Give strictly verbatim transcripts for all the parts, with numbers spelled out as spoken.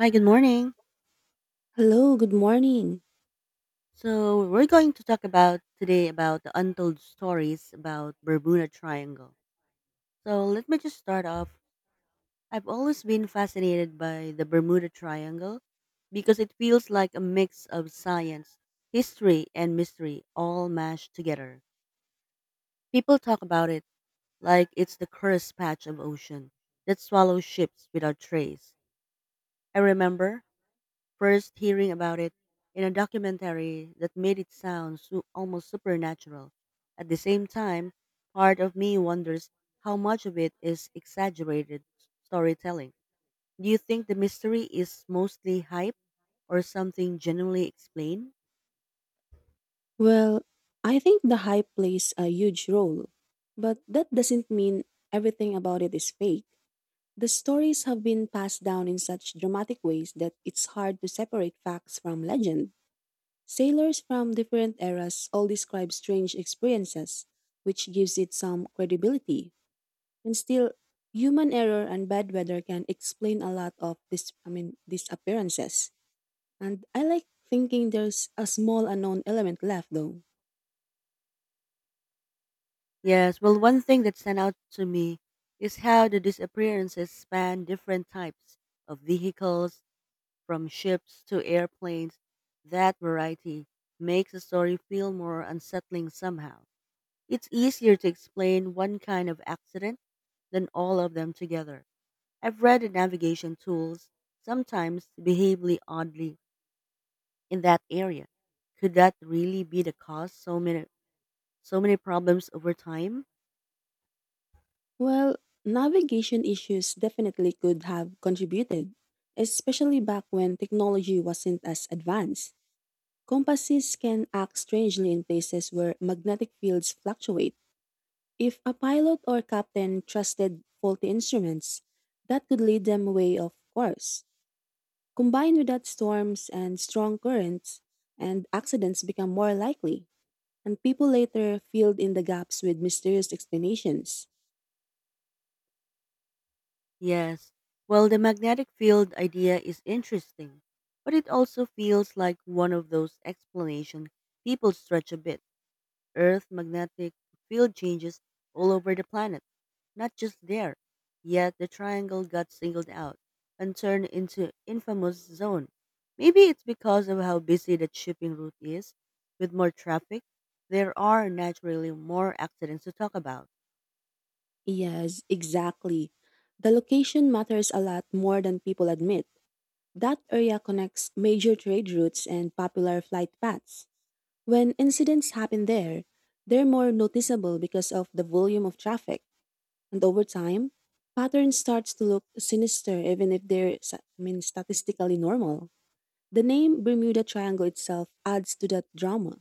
Hi, good morning. Hello, good morning. So we're going to talk about today about the untold stories about Bermuda Triangle. So let me just start off. I've always been fascinated by the Bermuda Triangle because it feels like a mix of science, history, and mystery all mashed together. People talk about it like it's the cursed patch of ocean that swallows ships without trace. I remember first hearing about it in a documentary that made it sound su- almost supernatural. At the same time, part of me wonders how much of it is exaggerated s- storytelling. Do you think the mystery is mostly hype or something genuinely explained? Well, I think the hype plays a huge role, but that doesn't mean everything about it is fake. The stories have been passed down in such dramatic ways that it's hard to separate facts from legend. Sailors from different eras all describe strange experiences, which gives it some credibility. And still, human error and bad weather can explain a lot of this I mean these appearances. And I like thinking there's a small unknown element left though. Yes, well, one thing that stand out to me is how the disappearances span different types of vehicles from ships to airplanes, that variety makes a story feel more unsettling somehow. It's easier to explain one kind of accident than all of them together. I've read that navigation tools sometimes behave really oddly in that area. Could that really be the cause so many so many problems over time? Well, navigation issues definitely could have contributed, especially back when technology wasn't as advanced. Compasses can act strangely in places where magnetic fields fluctuate. If a pilot or captain trusted faulty instruments, that could lead them away off course. Combined with that, storms and strong currents and accidents become more likely. And people later filled in the gaps with mysterious explanations. Yes. Well, the magnetic field idea is interesting, but it also feels like one of those explanations people stretch a bit. Earth magnetic field changes all over the planet, not just there. Yet the triangle got singled out and turned into infamous zone. Maybe it's because of how busy that shipping route is. With more traffic, there are naturally more accidents to talk about. Yes, exactly. The location matters a lot more than people admit. That area connects major trade routes and popular flight paths. When incidents happen there, they're more noticeable because of the volume of traffic, and over time, pattern starts to look sinister even if they're sa- I mean statistically normal. The name Bermuda Triangle itself adds to that drama.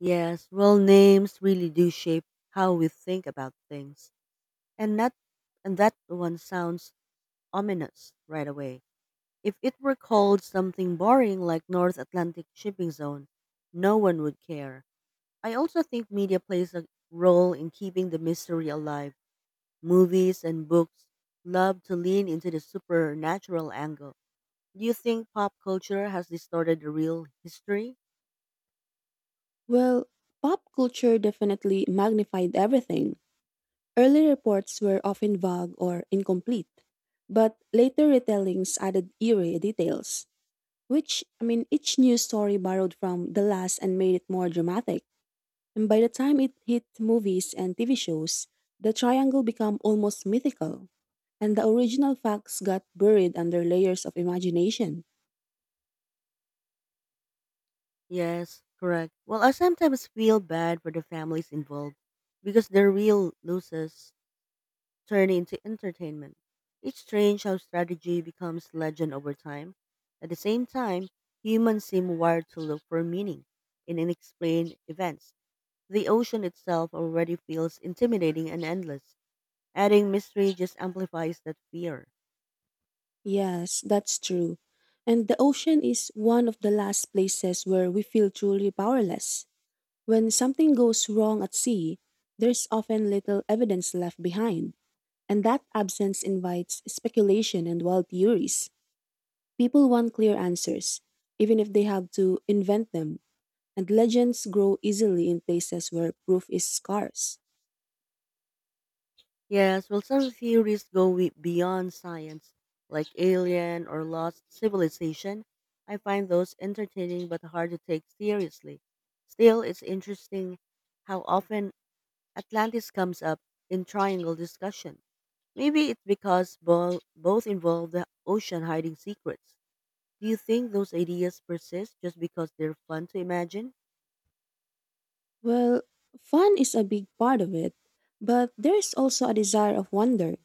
Yes, well, names really do shape how we think about things. And not and that one sounds ominous right away. If it were called something boring like North Atlantic Shipping Zone, no one would care. I also think media plays a role in keeping the mystery alive. Movies and books love to lean into the supernatural angle. Do you think pop culture has distorted the real history? Well, pop culture definitely magnified everything. Early reports were often vague or incomplete, but later retellings added eerie details, which, I mean, each new story borrowed from the last and made it more dramatic. And by the time it hit movies and T V shows, the triangle became almost mythical, and the original facts got buried under layers of imagination. Yes, correct. Well, I sometimes feel bad for the families involved because they're real losers turn into entertainment. It's strange how strategy becomes legend over time. At the same time, humans seem wired to look for meaning in unexplained events. The ocean itself already feels intimidating and endless. Adding mystery just amplifies that fear. Yes, that's true. And the ocean is one of the last places where we feel truly powerless. When something goes wrong at sea, there's often little evidence left behind, and that absence invites speculation and wild theories. People want clear answers, even if they have to invent them, and legends grow easily in places where proof is scarce. Yes, well, some theories go we- beyond science, like alien or lost civilization. I find those entertaining but hard to take seriously. Still, it's interesting how often Atlantis comes up in triangle discussion. Maybe it's because bo- both involve the ocean hiding secrets. Do you think those ideas persist just because they're fun to imagine? Well, fun is a big part of it, but there's also a desire of wonder.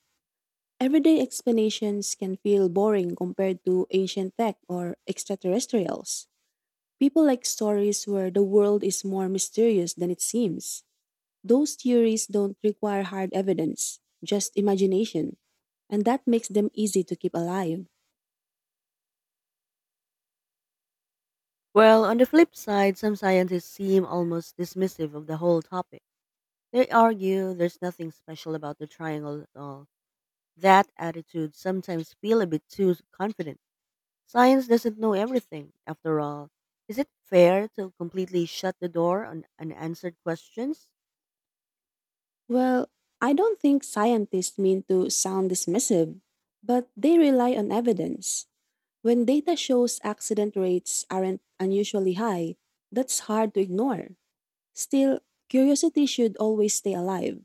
Everyday explanations can feel boring compared to ancient tech or extraterrestrials. People like stories where the world is more mysterious than it seems. Those theories don't require hard evidence, just imagination, and that makes them easy to keep alive. Well, on the flip side, some scientists seem almost dismissive of the whole topic. They argue there's nothing special about the triangle at all. That attitude sometimes feels a bit too confident. Science doesn't know everything, after all. Is it fair to completely shut the door on unanswered questions? Well, I don't think scientists mean to sound dismissive, but they rely on evidence. When data shows accident rates aren't unusually high, that's hard to ignore. Still, curiosity should always stay alive.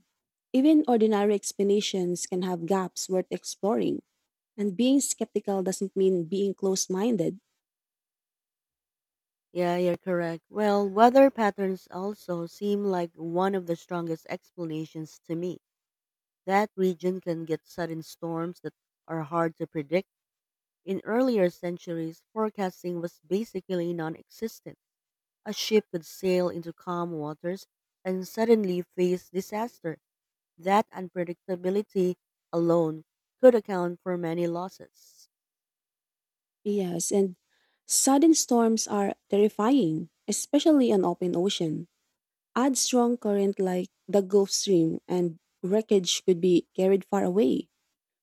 Even ordinary explanations can have gaps worth exploring, and being skeptical doesn't mean being closed minded. Yeah, you're correct. Well, weather patterns also seem like one of the strongest explanations to me. That region can get sudden storms that are hard to predict. In earlier centuries, forecasting was basically non existent. A ship could sail into calm waters and suddenly face disaster. That unpredictability alone could account for many losses. Yes, and sudden storms are terrifying, especially on open ocean. Add strong current like the Gulf Stream, and wreckage could be carried far away,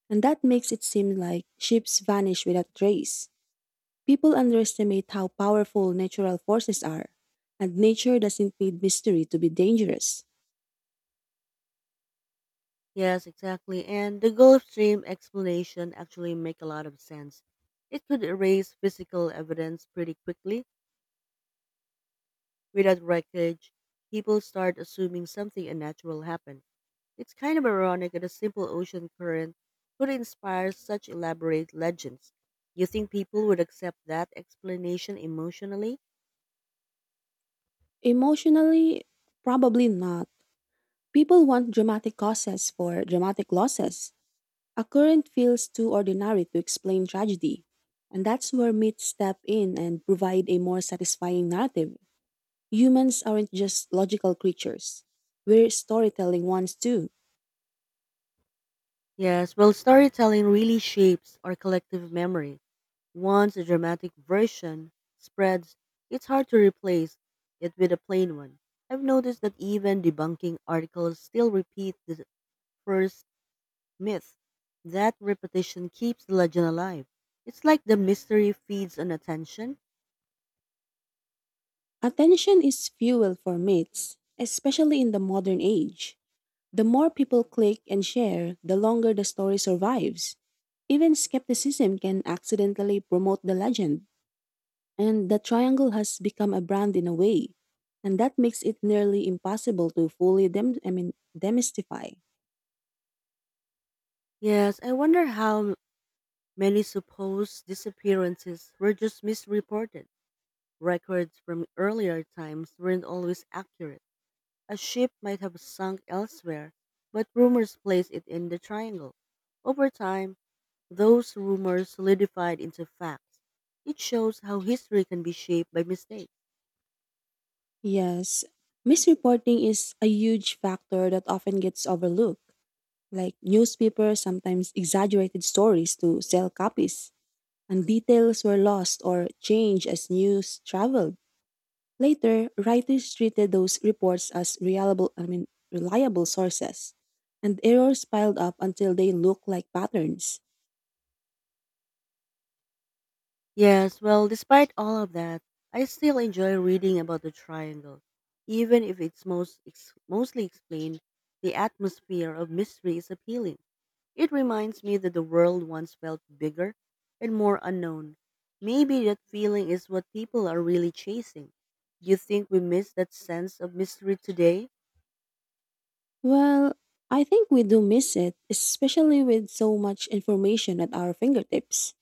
and that makes it seem like ships vanish without a trace. People underestimate how powerful natural forces are, and nature doesn't need mystery to be dangerous. Yes, exactly. And the Gulf Stream explanation actually make a lot of sense. It could erase physical evidence pretty quickly. Without wreckage, people start assuming something unnatural happened. It's kind of ironic that a simple ocean current could inspire such elaborate legends. You think people would accept that explanation emotionally? Emotionally, probably not. People want dramatic causes for dramatic losses. A current feels too ordinary to explain tragedy, and that's where myths step in and provide a more satisfying narrative. Humans aren't just logical creatures, we're storytelling ones too. Yes, well, storytelling really shapes our collective memory. Once a dramatic version spreads, it's hard to replace it with a plain one. I've noticed that even debunking articles still repeat the first myth. That repetition keeps the legend alive. It's like the mystery feeds on attention. Attention is fuel for myths, especially in the modern age. The more people click and share, the longer the story survives. Even skepticism can accidentally promote the legend, and the triangle has become a brand in a way, and that makes it nearly impossible to fully dem- I mean, demystify. Yes, I wonder how many supposed disappearances were just misreported. Records from earlier times weren't always accurate. A ship might have sunk elsewhere, but rumors placed it in the triangle. Over time, those rumors solidified into facts. It shows how history can be shaped by mistakes. Yes, misreporting is a huge factor that often gets overlooked. Like newspapers sometimes exaggerated stories to sell copies, and details were lost or changed as news traveled. Later, writers treated those reports as reliable, I mean, reliable sources, and errors piled up until they looked like patterns. Yes, well, despite all of that, I still enjoy reading about the triangle, even if it's most ex- mostly explained. The atmosphere of mystery is appealing. It reminds me that the world once felt bigger and more unknown. Maybe that feeling is what people are really chasing. Do you think we miss that sense of mystery today? Well, I think we do miss it, especially with so much information at our fingertips.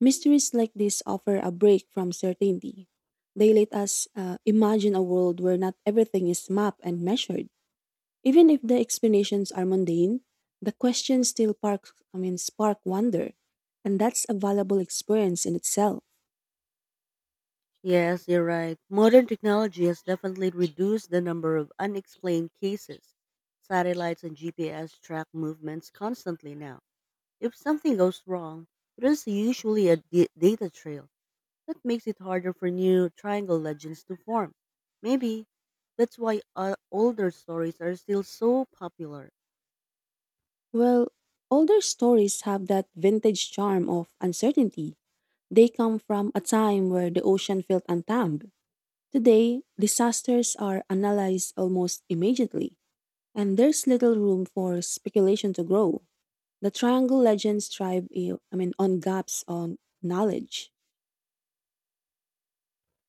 Mysteries like this offer a break from certainty. They let us uh, imagine a world where not everything is mapped and measured. Even if the explanations are mundane, the question still sparks I mean, spark wonder, and that's a valuable experience in itself. Yes, you're right. Modern technology has definitely reduced the number of unexplained cases. Satellites and G P S track movements constantly now. If something goes wrong, there's usually a d- data trail that makes it harder for new triangle legends to form. Maybe that's why uh, older stories are still so popular. Well, older stories have that vintage charm of uncertainty. They come from a time where the ocean felt untamed. Today, disasters are analyzed almost immediately, and there's little room for speculation to grow. The triangle legends thrive, eh, I mean, on gaps on knowledge.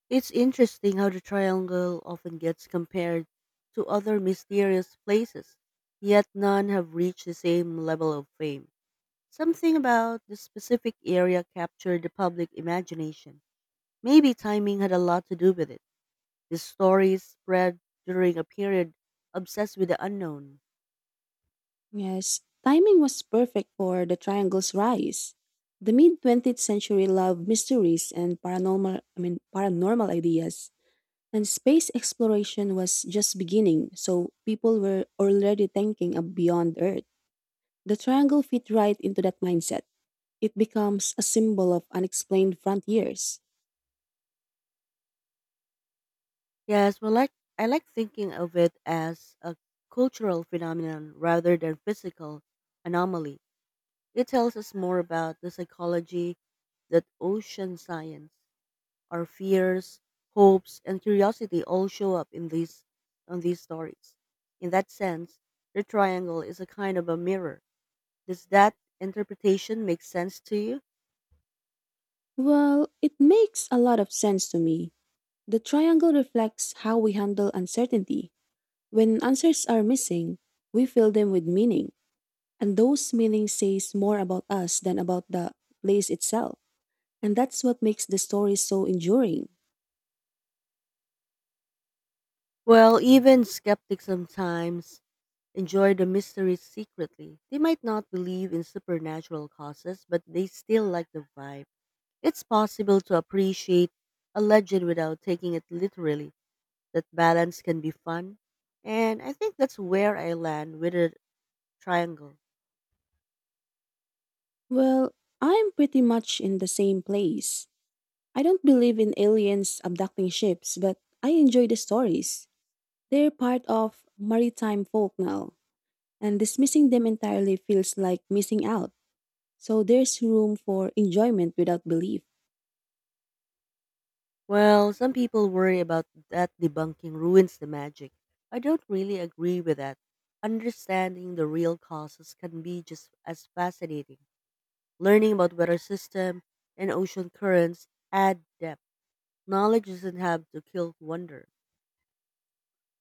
It's interesting how the triangle often gets compared to other mysterious places, yet none have reached the same level of fame. Something about the specific area captured the public imagination. Maybe timing had a lot to do with it. The stories spread during a period obsessed with the unknown. Yes, timing was perfect for the triangle's rise. The mid twentieth century loved mysteries and paranormal I mean paranormal ideas, and space exploration was just beginning, so people were already thinking of beyond Earth. The triangle fit right into that mindset. It becomes a symbol of unexplained frontiers. Yes, well, like I like thinking of it as a cultural phenomenon rather than physical anomaly. It tells us more about the psychology that ocean science. Our fears, hopes, and curiosity all show up in these on these stories. In that sense, the triangle is a kind of a mirror. Does that interpretation make sense to you? Well, it makes a lot of sense to me. The triangle reflects how we handle uncertainty. When answers are missing, we fill them with meaning. And those meanings says more about us than about the place itself. And that's what makes the story so enduring. Well, even skeptics sometimes enjoy the mystery secretly. They might not believe in supernatural causes, but they still like the vibe. It's possible to appreciate a legend without taking it literally. That balance can be fun. And I think that's where I land with it, triangle. Well, I'm pretty much in the same place. I don't believe in aliens abducting ships, but I enjoy the stories. They're part of maritime folk now, and dismissing them entirely feels like missing out. So there's room for enjoyment without belief. Well, some people worry about that debunking ruins the magic. I don't really agree with that. Understanding the real causes can be just as fascinating. Learning about weather system and ocean currents add depth. Knowledge doesn't have to kill wonder.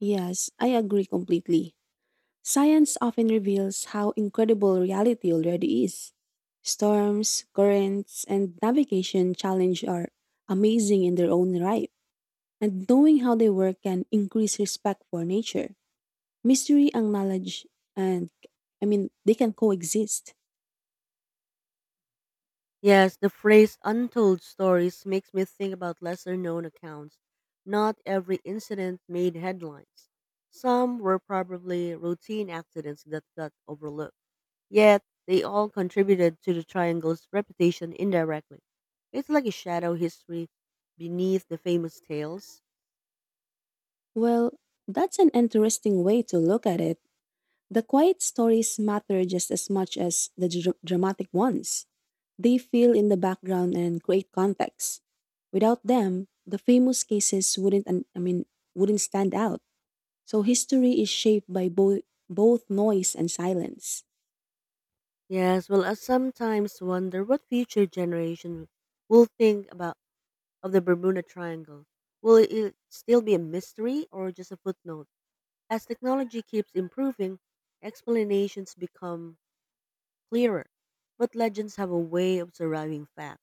Yes, I agree completely. Science often reveals how incredible reality already is. Storms, currents, and navigation challenge are amazing in their own right, and knowing how they work can increase respect for nature. Mystery and knowledge, and I mean, they can coexist. Yes, the phrase untold stories makes me think about lesser known accounts. Not every incident made headlines. Some were probably routine accidents that got overlooked. Yet, they all contributed to the triangle's reputation indirectly. It's like a shadow history beneath the famous tales. Well, that's an interesting way to look at it. The quiet stories matter just as much as the dr- dramatic ones. They fill in the background and create context. Without them, the famous cases wouldn't un- I mean wouldn't stand out. So history is shaped by bo- both noise and silence. Yes, well, I sometimes wonder what future generation will think about of the Bermuda Triangle. Will it still be a mystery or just a footnote? As technology keeps improving, explanations become clearer, but legends have a way of surviving facts.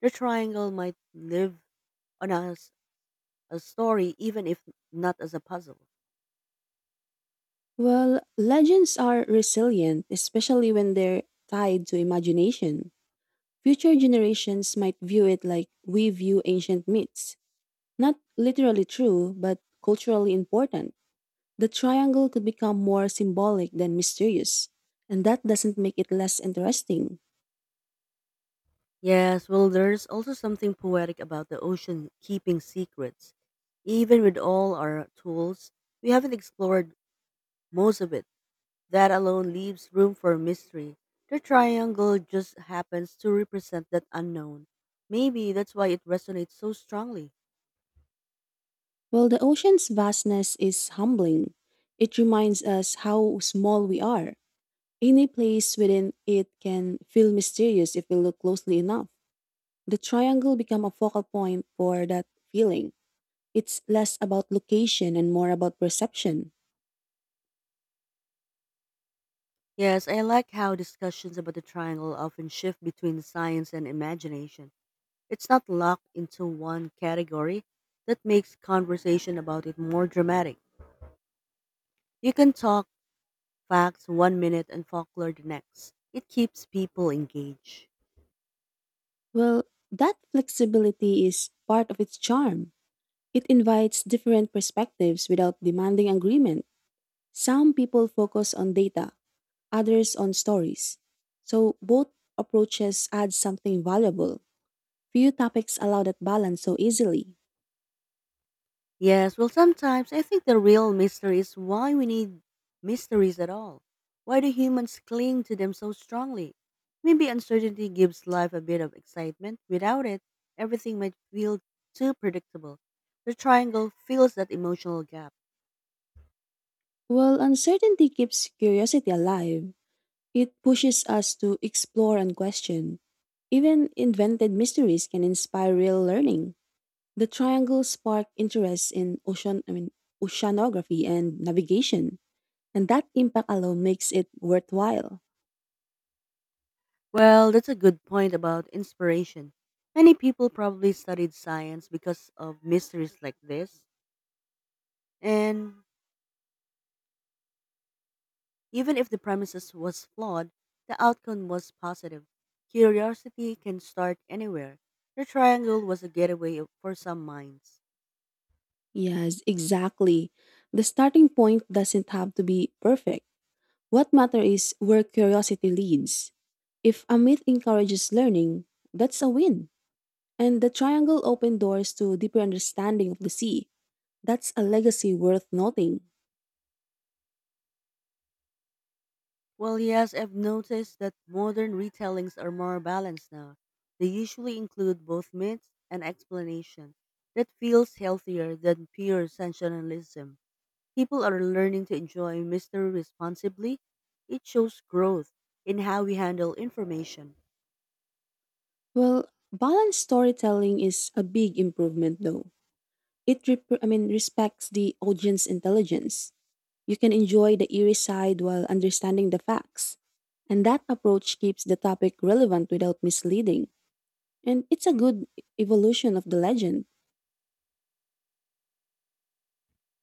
The triangle might live on us a story, even if not as a puzzle. Well, legends are resilient, especially when they're tied to imagination. Future generations might view it like we view ancient myths, not literally true, but culturally important. The triangle could become more symbolic than mysterious, and that doesn't make it less interesting. Yes, well, there's also something poetic about the ocean keeping secrets. Even with all our tools, we haven't explored most of it. That alone leaves room for mystery. The triangle just happens to represent that unknown. Maybe that's why it resonates so strongly. While the ocean's vastness is humbling, it reminds us how small we are. Any place within it can feel mysterious if we look closely enough. The triangle become a focal point for that feeling. It's less about location and more about perception. Yes, I like how discussions about the triangle often shift between science and imagination. It's not locked into one category. That makes conversation about it more dramatic. You can talk facts one minute and folklore the next. It keeps people engaged. Well, that flexibility is part of its charm. It invites different perspectives without demanding agreement. Some people focus on data, others on stories. So both approaches add something valuable. Few topics allow that balance so easily. Yes, well, sometimes I think the real mystery is why we need mysteries at all. Why do humans cling to them so strongly? Maybe uncertainty gives life a bit of excitement. Without it, everything might feel too predictable. The triangle fills that emotional gap. While uncertainty keeps curiosity alive, it pushes us to explore and question. Even invented mysteries can inspire real learning. The triangle sparked interest in ocean, I mean, oceanography and navigation, and that impact alone makes it worthwhile. Well, that's a good point about inspiration. Many people probably studied science because of mysteries like this, and even if the premises was flawed, the outcome was positive. Curiosity can start anywhere. The triangle was a getaway for some minds. Yes, exactly. The starting point doesn't have to be perfect. What matters is where curiosity leads. If a myth encourages learning, that's a win. And the triangle opened doors to deeper understanding of the sea. That's a legacy worth noting. Well, yes, I've noticed that modern retellings are more balanced now. They usually include both myths and explanation. That feels healthier than pure sensationalism. People are learning to enjoy mystery responsibly. It shows growth in how we handle information. Well, balanced storytelling is a big improvement, though. It rep- I mean respects the audience intelligence. You can enjoy the eerie side while understanding the facts. And that approach keeps the topic relevant without misleading. And it's a good evolution of the legend.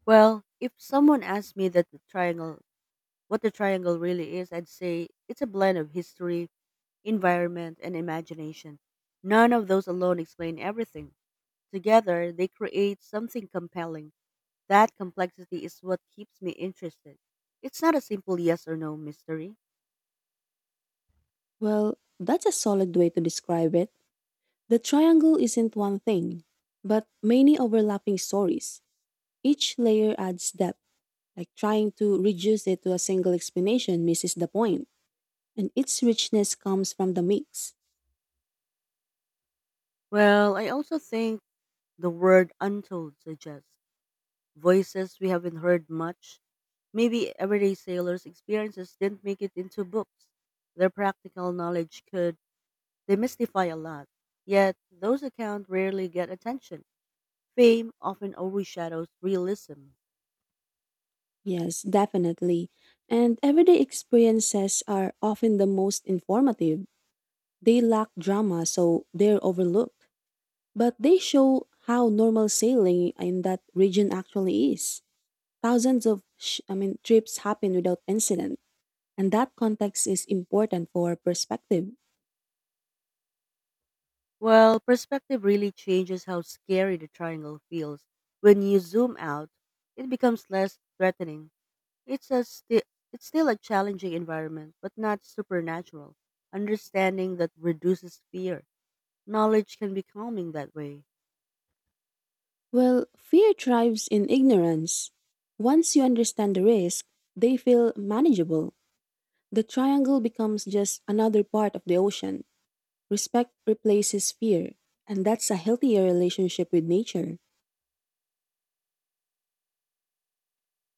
Well, if someone asked me that the triangle what the triangle really is, I'd say it's a blend of history, environment, and imagination. None of those alone explain everything. Together, they create something compelling. That complexity is what keeps me interested. It's not a simple yes or no mystery. Well, that's a solid way to describe it. The triangle isn't one thing, but many overlapping stories. Each layer adds depth, like trying to reduce it to a single explanation misses the point, and its richness comes from the mix. Well, I also think the word untold suggests voices we haven't heard much. Maybe everyday sailors' experiences didn't make it into books. Their practical knowledge could demystify a lot. Yet those accounts rarely get attention. Fame often overshadows realism. Yes, definitely. And everyday experiences are often the most informative. They lack drama, so they're overlooked. But they show how normal sailing in that region actually is. Thousands of sh- I mean trips happen without incident, and that context is important for perspective. Well, perspective really changes how scary the triangle feels. When you zoom out, it becomes less threatening. It's a sti- it's still a challenging environment, but not supernatural. Understanding that reduces fear. Knowledge can be calming that way. Well, fear thrives in ignorance. Once you understand the risk, they feel manageable. The triangle becomes just another part of the ocean. Respect replaces fear, and that's a healthier relationship with nature.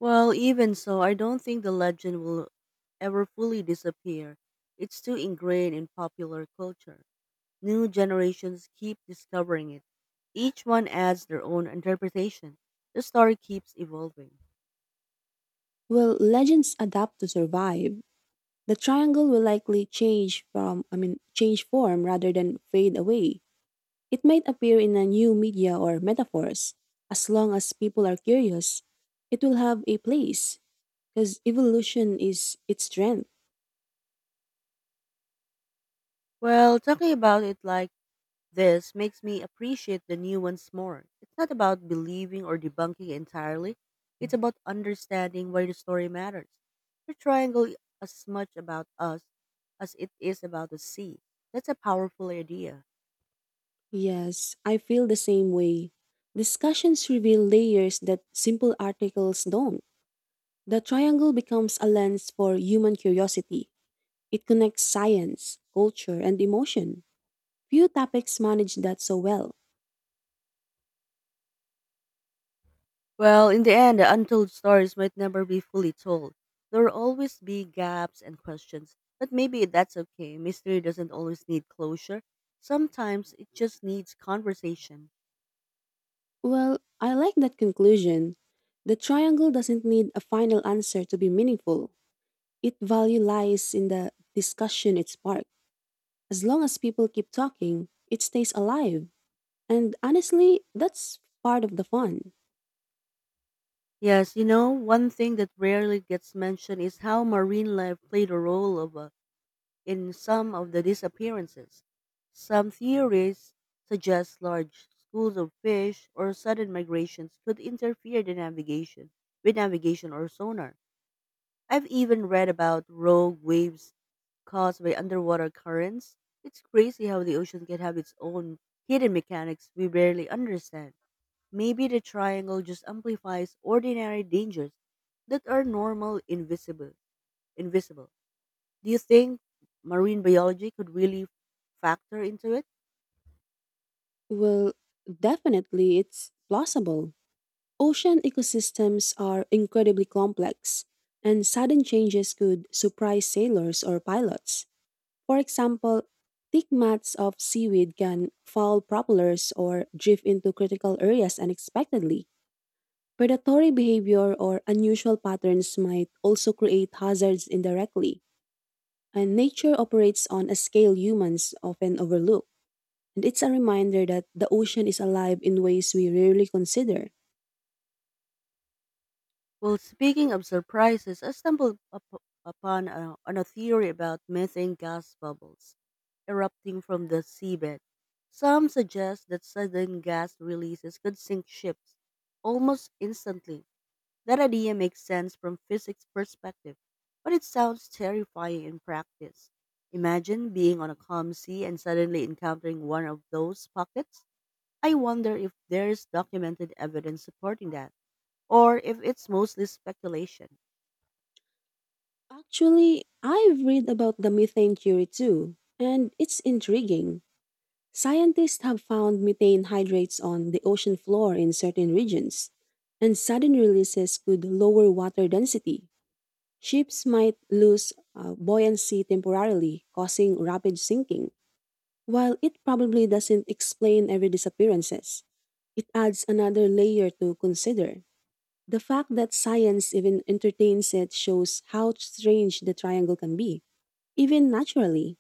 Well, even so, I don't think the legend will ever fully disappear. It's too ingrained in popular culture. New generations keep discovering it. Each one adds their own interpretation. The story keeps evolving. Will legends adapt to survive? The triangle will likely change from, I mean, change form rather than fade away. It might appear in a new media or metaphors. As long as people are curious, it will have a place because evolution is its strength. Well, talking about it like this makes me appreciate the nuance more. It's not about believing or debunking entirely, it's about understanding why the story matters. The triangle is as much about us as it is about the sea. That's a powerful idea. Yes, I feel the same way. Discussions reveal layers that simple articles don't. The triangle becomes a lens for human curiosity. It connects science, culture, and emotion. Few topics manage that so well. Well, in the end, the untold stories might never be fully told. There will always be gaps and questions, but maybe that's okay. Mystery doesn't always need closure, sometimes it just needs conversation. Well, I like that conclusion. The triangle doesn't need a final answer to be meaningful. Its value lies in the discussion it sparks. As long as people keep talking, it stays alive. And honestly, that's part of the fun. Yes, you know, one thing that rarely gets mentioned is how marine life played a role of, uh, in some of the disappearances. Some theories suggest large schools of fish or sudden migrations could interfere the navigation with navigation or sonar. I've even read about rogue waves caused by underwater currents. It's crazy how the ocean can have its own hidden mechanics we barely understand. Maybe the triangle just amplifies ordinary dangers that are normal invisible invisible. Do you think marine biology could really factor into it? Well, definitely, it's plausible. Ocean ecosystems are incredibly complex, and sudden changes could surprise sailors or pilots. For example, thick mats of seaweed can foul propellers or drift into critical areas unexpectedly. Predatory behavior or unusual patterns might also create hazards indirectly. And nature operates on a scale humans often overlook. And it's a reminder that the ocean is alive in ways we rarely consider. Well, speaking of surprises, I stumbled up upon a, on a theory about methane gas bubbles erupting from the seabed. Some suggest that sudden gas releases could sink ships almost instantly. That idea makes sense from physics perspective, but it sounds terrifying in practice. Imagine being on a calm sea and suddenly encountering one of those pockets. I wonder if there's documented evidence supporting that, or if it's mostly speculation. Actually, I've read about the methane theory too, and it's intriguing. Scientists have found methane hydrates on the ocean floor in certain regions, and sudden releases could lower water density. Ships might lose uh, buoyancy temporarily, causing rapid sinking. While it probably doesn't explain every disappearances, it adds another layer to consider. The fact that science even entertains it shows how strange the triangle can be. Even naturally.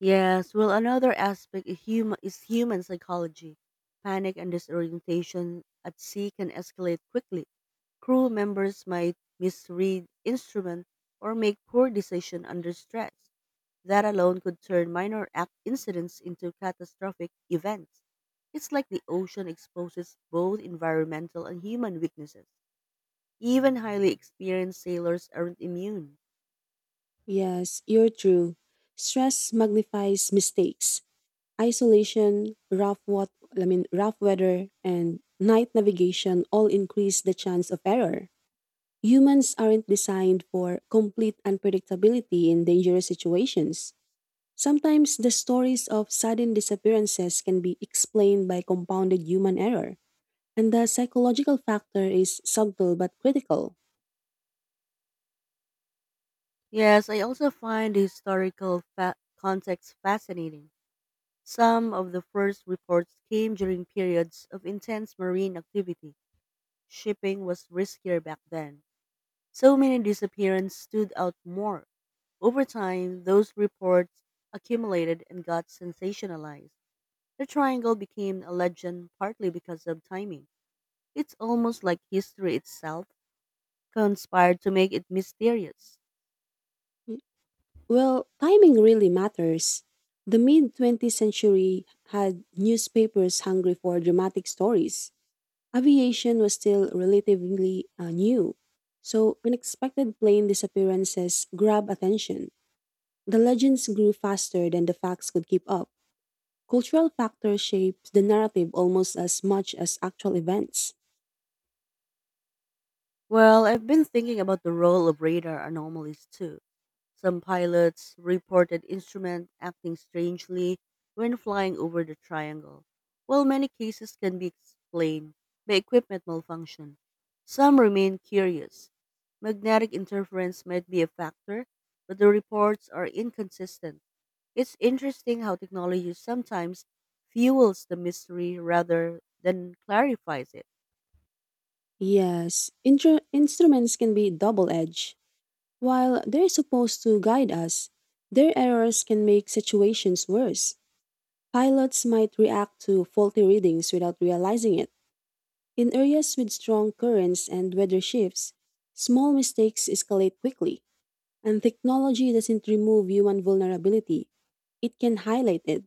Yes, well, another aspect is human, is human psychology. Panic and disorientation at sea can escalate quickly. Crew members might misread instrument or make poor decision under stress. That alone could turn minor ac- incidents into catastrophic events. It's like the ocean exposes both environmental and human weaknesses. Even highly experienced sailors aren't immune. Yes, you're true. Stress magnifies mistakes. Isolation, rough what I mean rough weather and night navigation all increase the chance of error. Humans aren't designed for complete unpredictability in dangerous situations. Sometimes the stories of sudden disappearances can be explained by compounded human error, and the psychological factor is subtle but critical. Yes, I also find the historical fa- context fascinating. Some of the first reports came during periods of intense marine activity. Shipping was riskier back then, so many disappearances stood out more. Over time, those reports accumulated and got sensationalized. The triangle became a legend partly because of timing. It's almost like history itself conspired to make it mysterious. Well, timing really matters. The mid twentieth century had newspapers hungry for dramatic stories. Aviation was still relatively uh, new, so unexpected plane disappearances grab attention. The legends grew faster than the facts could keep up. Cultural factors shaped the narrative almost as much as actual events. Well, I've been thinking about the role of radar anomalies too. Some pilots reported instruments acting strangely when flying over the triangle, while many cases can be explained by equipment malfunction. Some remain curious. Magnetic interference might be a factor, but the reports are inconsistent. It's interesting how technology sometimes fuels the mystery rather than clarifies it. Yes, intro- instruments can be double edged. While they're supposed to guide us, their errors can make situations worse. Pilots might react to faulty readings without realizing it. In areas with strong currents and weather shifts, small mistakes escalate quickly, and technology doesn't remove human vulnerability. It can highlight it.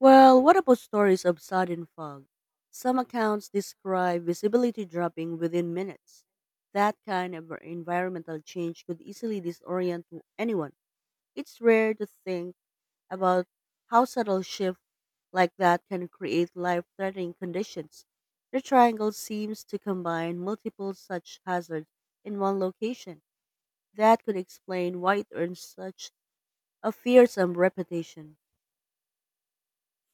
Well, what about stories of sudden fog? Some accounts describe visibility dropping within minutes. That kind of environmental change could easily disorient anyone. It's rare to think about how subtle shifts like that can create life-threatening conditions. The triangle seems to combine multiple such hazards in one location. That could explain why it earns such a fearsome reputation.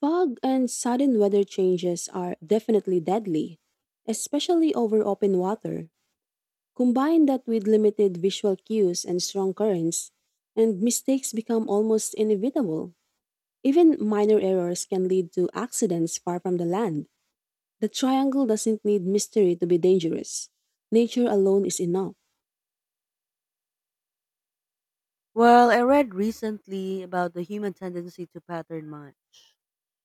Fog and sudden weather changes are definitely deadly, especially over open water. Combine that with limited visual cues and strong currents, and mistakes become almost inevitable. Even minor errors can lead to accidents far from the land. The triangle doesn't need mystery to be dangerous. Nature alone is enough. Well, I read recently about the human tendency to pattern match.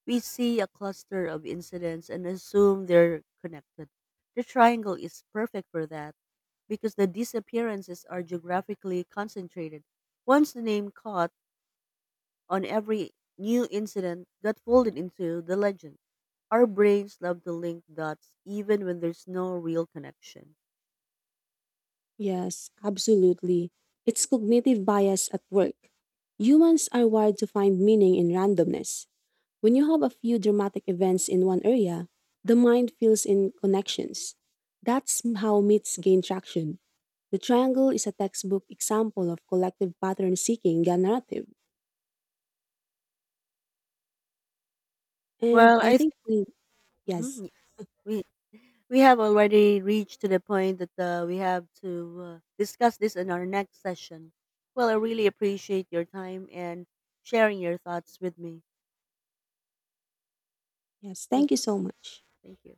We see a cluster of incidents and assume they're connected. The triangle is perfect for that because the disappearances are geographically concentrated. Once the name caught on, every new incident got folded into the legend. Our brains love to link dots even when there's no real connection. Yes, absolutely. It's cognitive bias at work. Humans are wired to find meaning in randomness. When you have a few dramatic events in one area, the mind fills in connections. That's how myths gain traction. The triangle is a textbook example of collective pattern seeking a narrative. And Well, I I think, we- yes, think we have already reached to the point that uh, we have to uh, discuss this in our next session. Well, I really appreciate your time and sharing your thoughts with me. yes, Thank, thank you so much. thank you.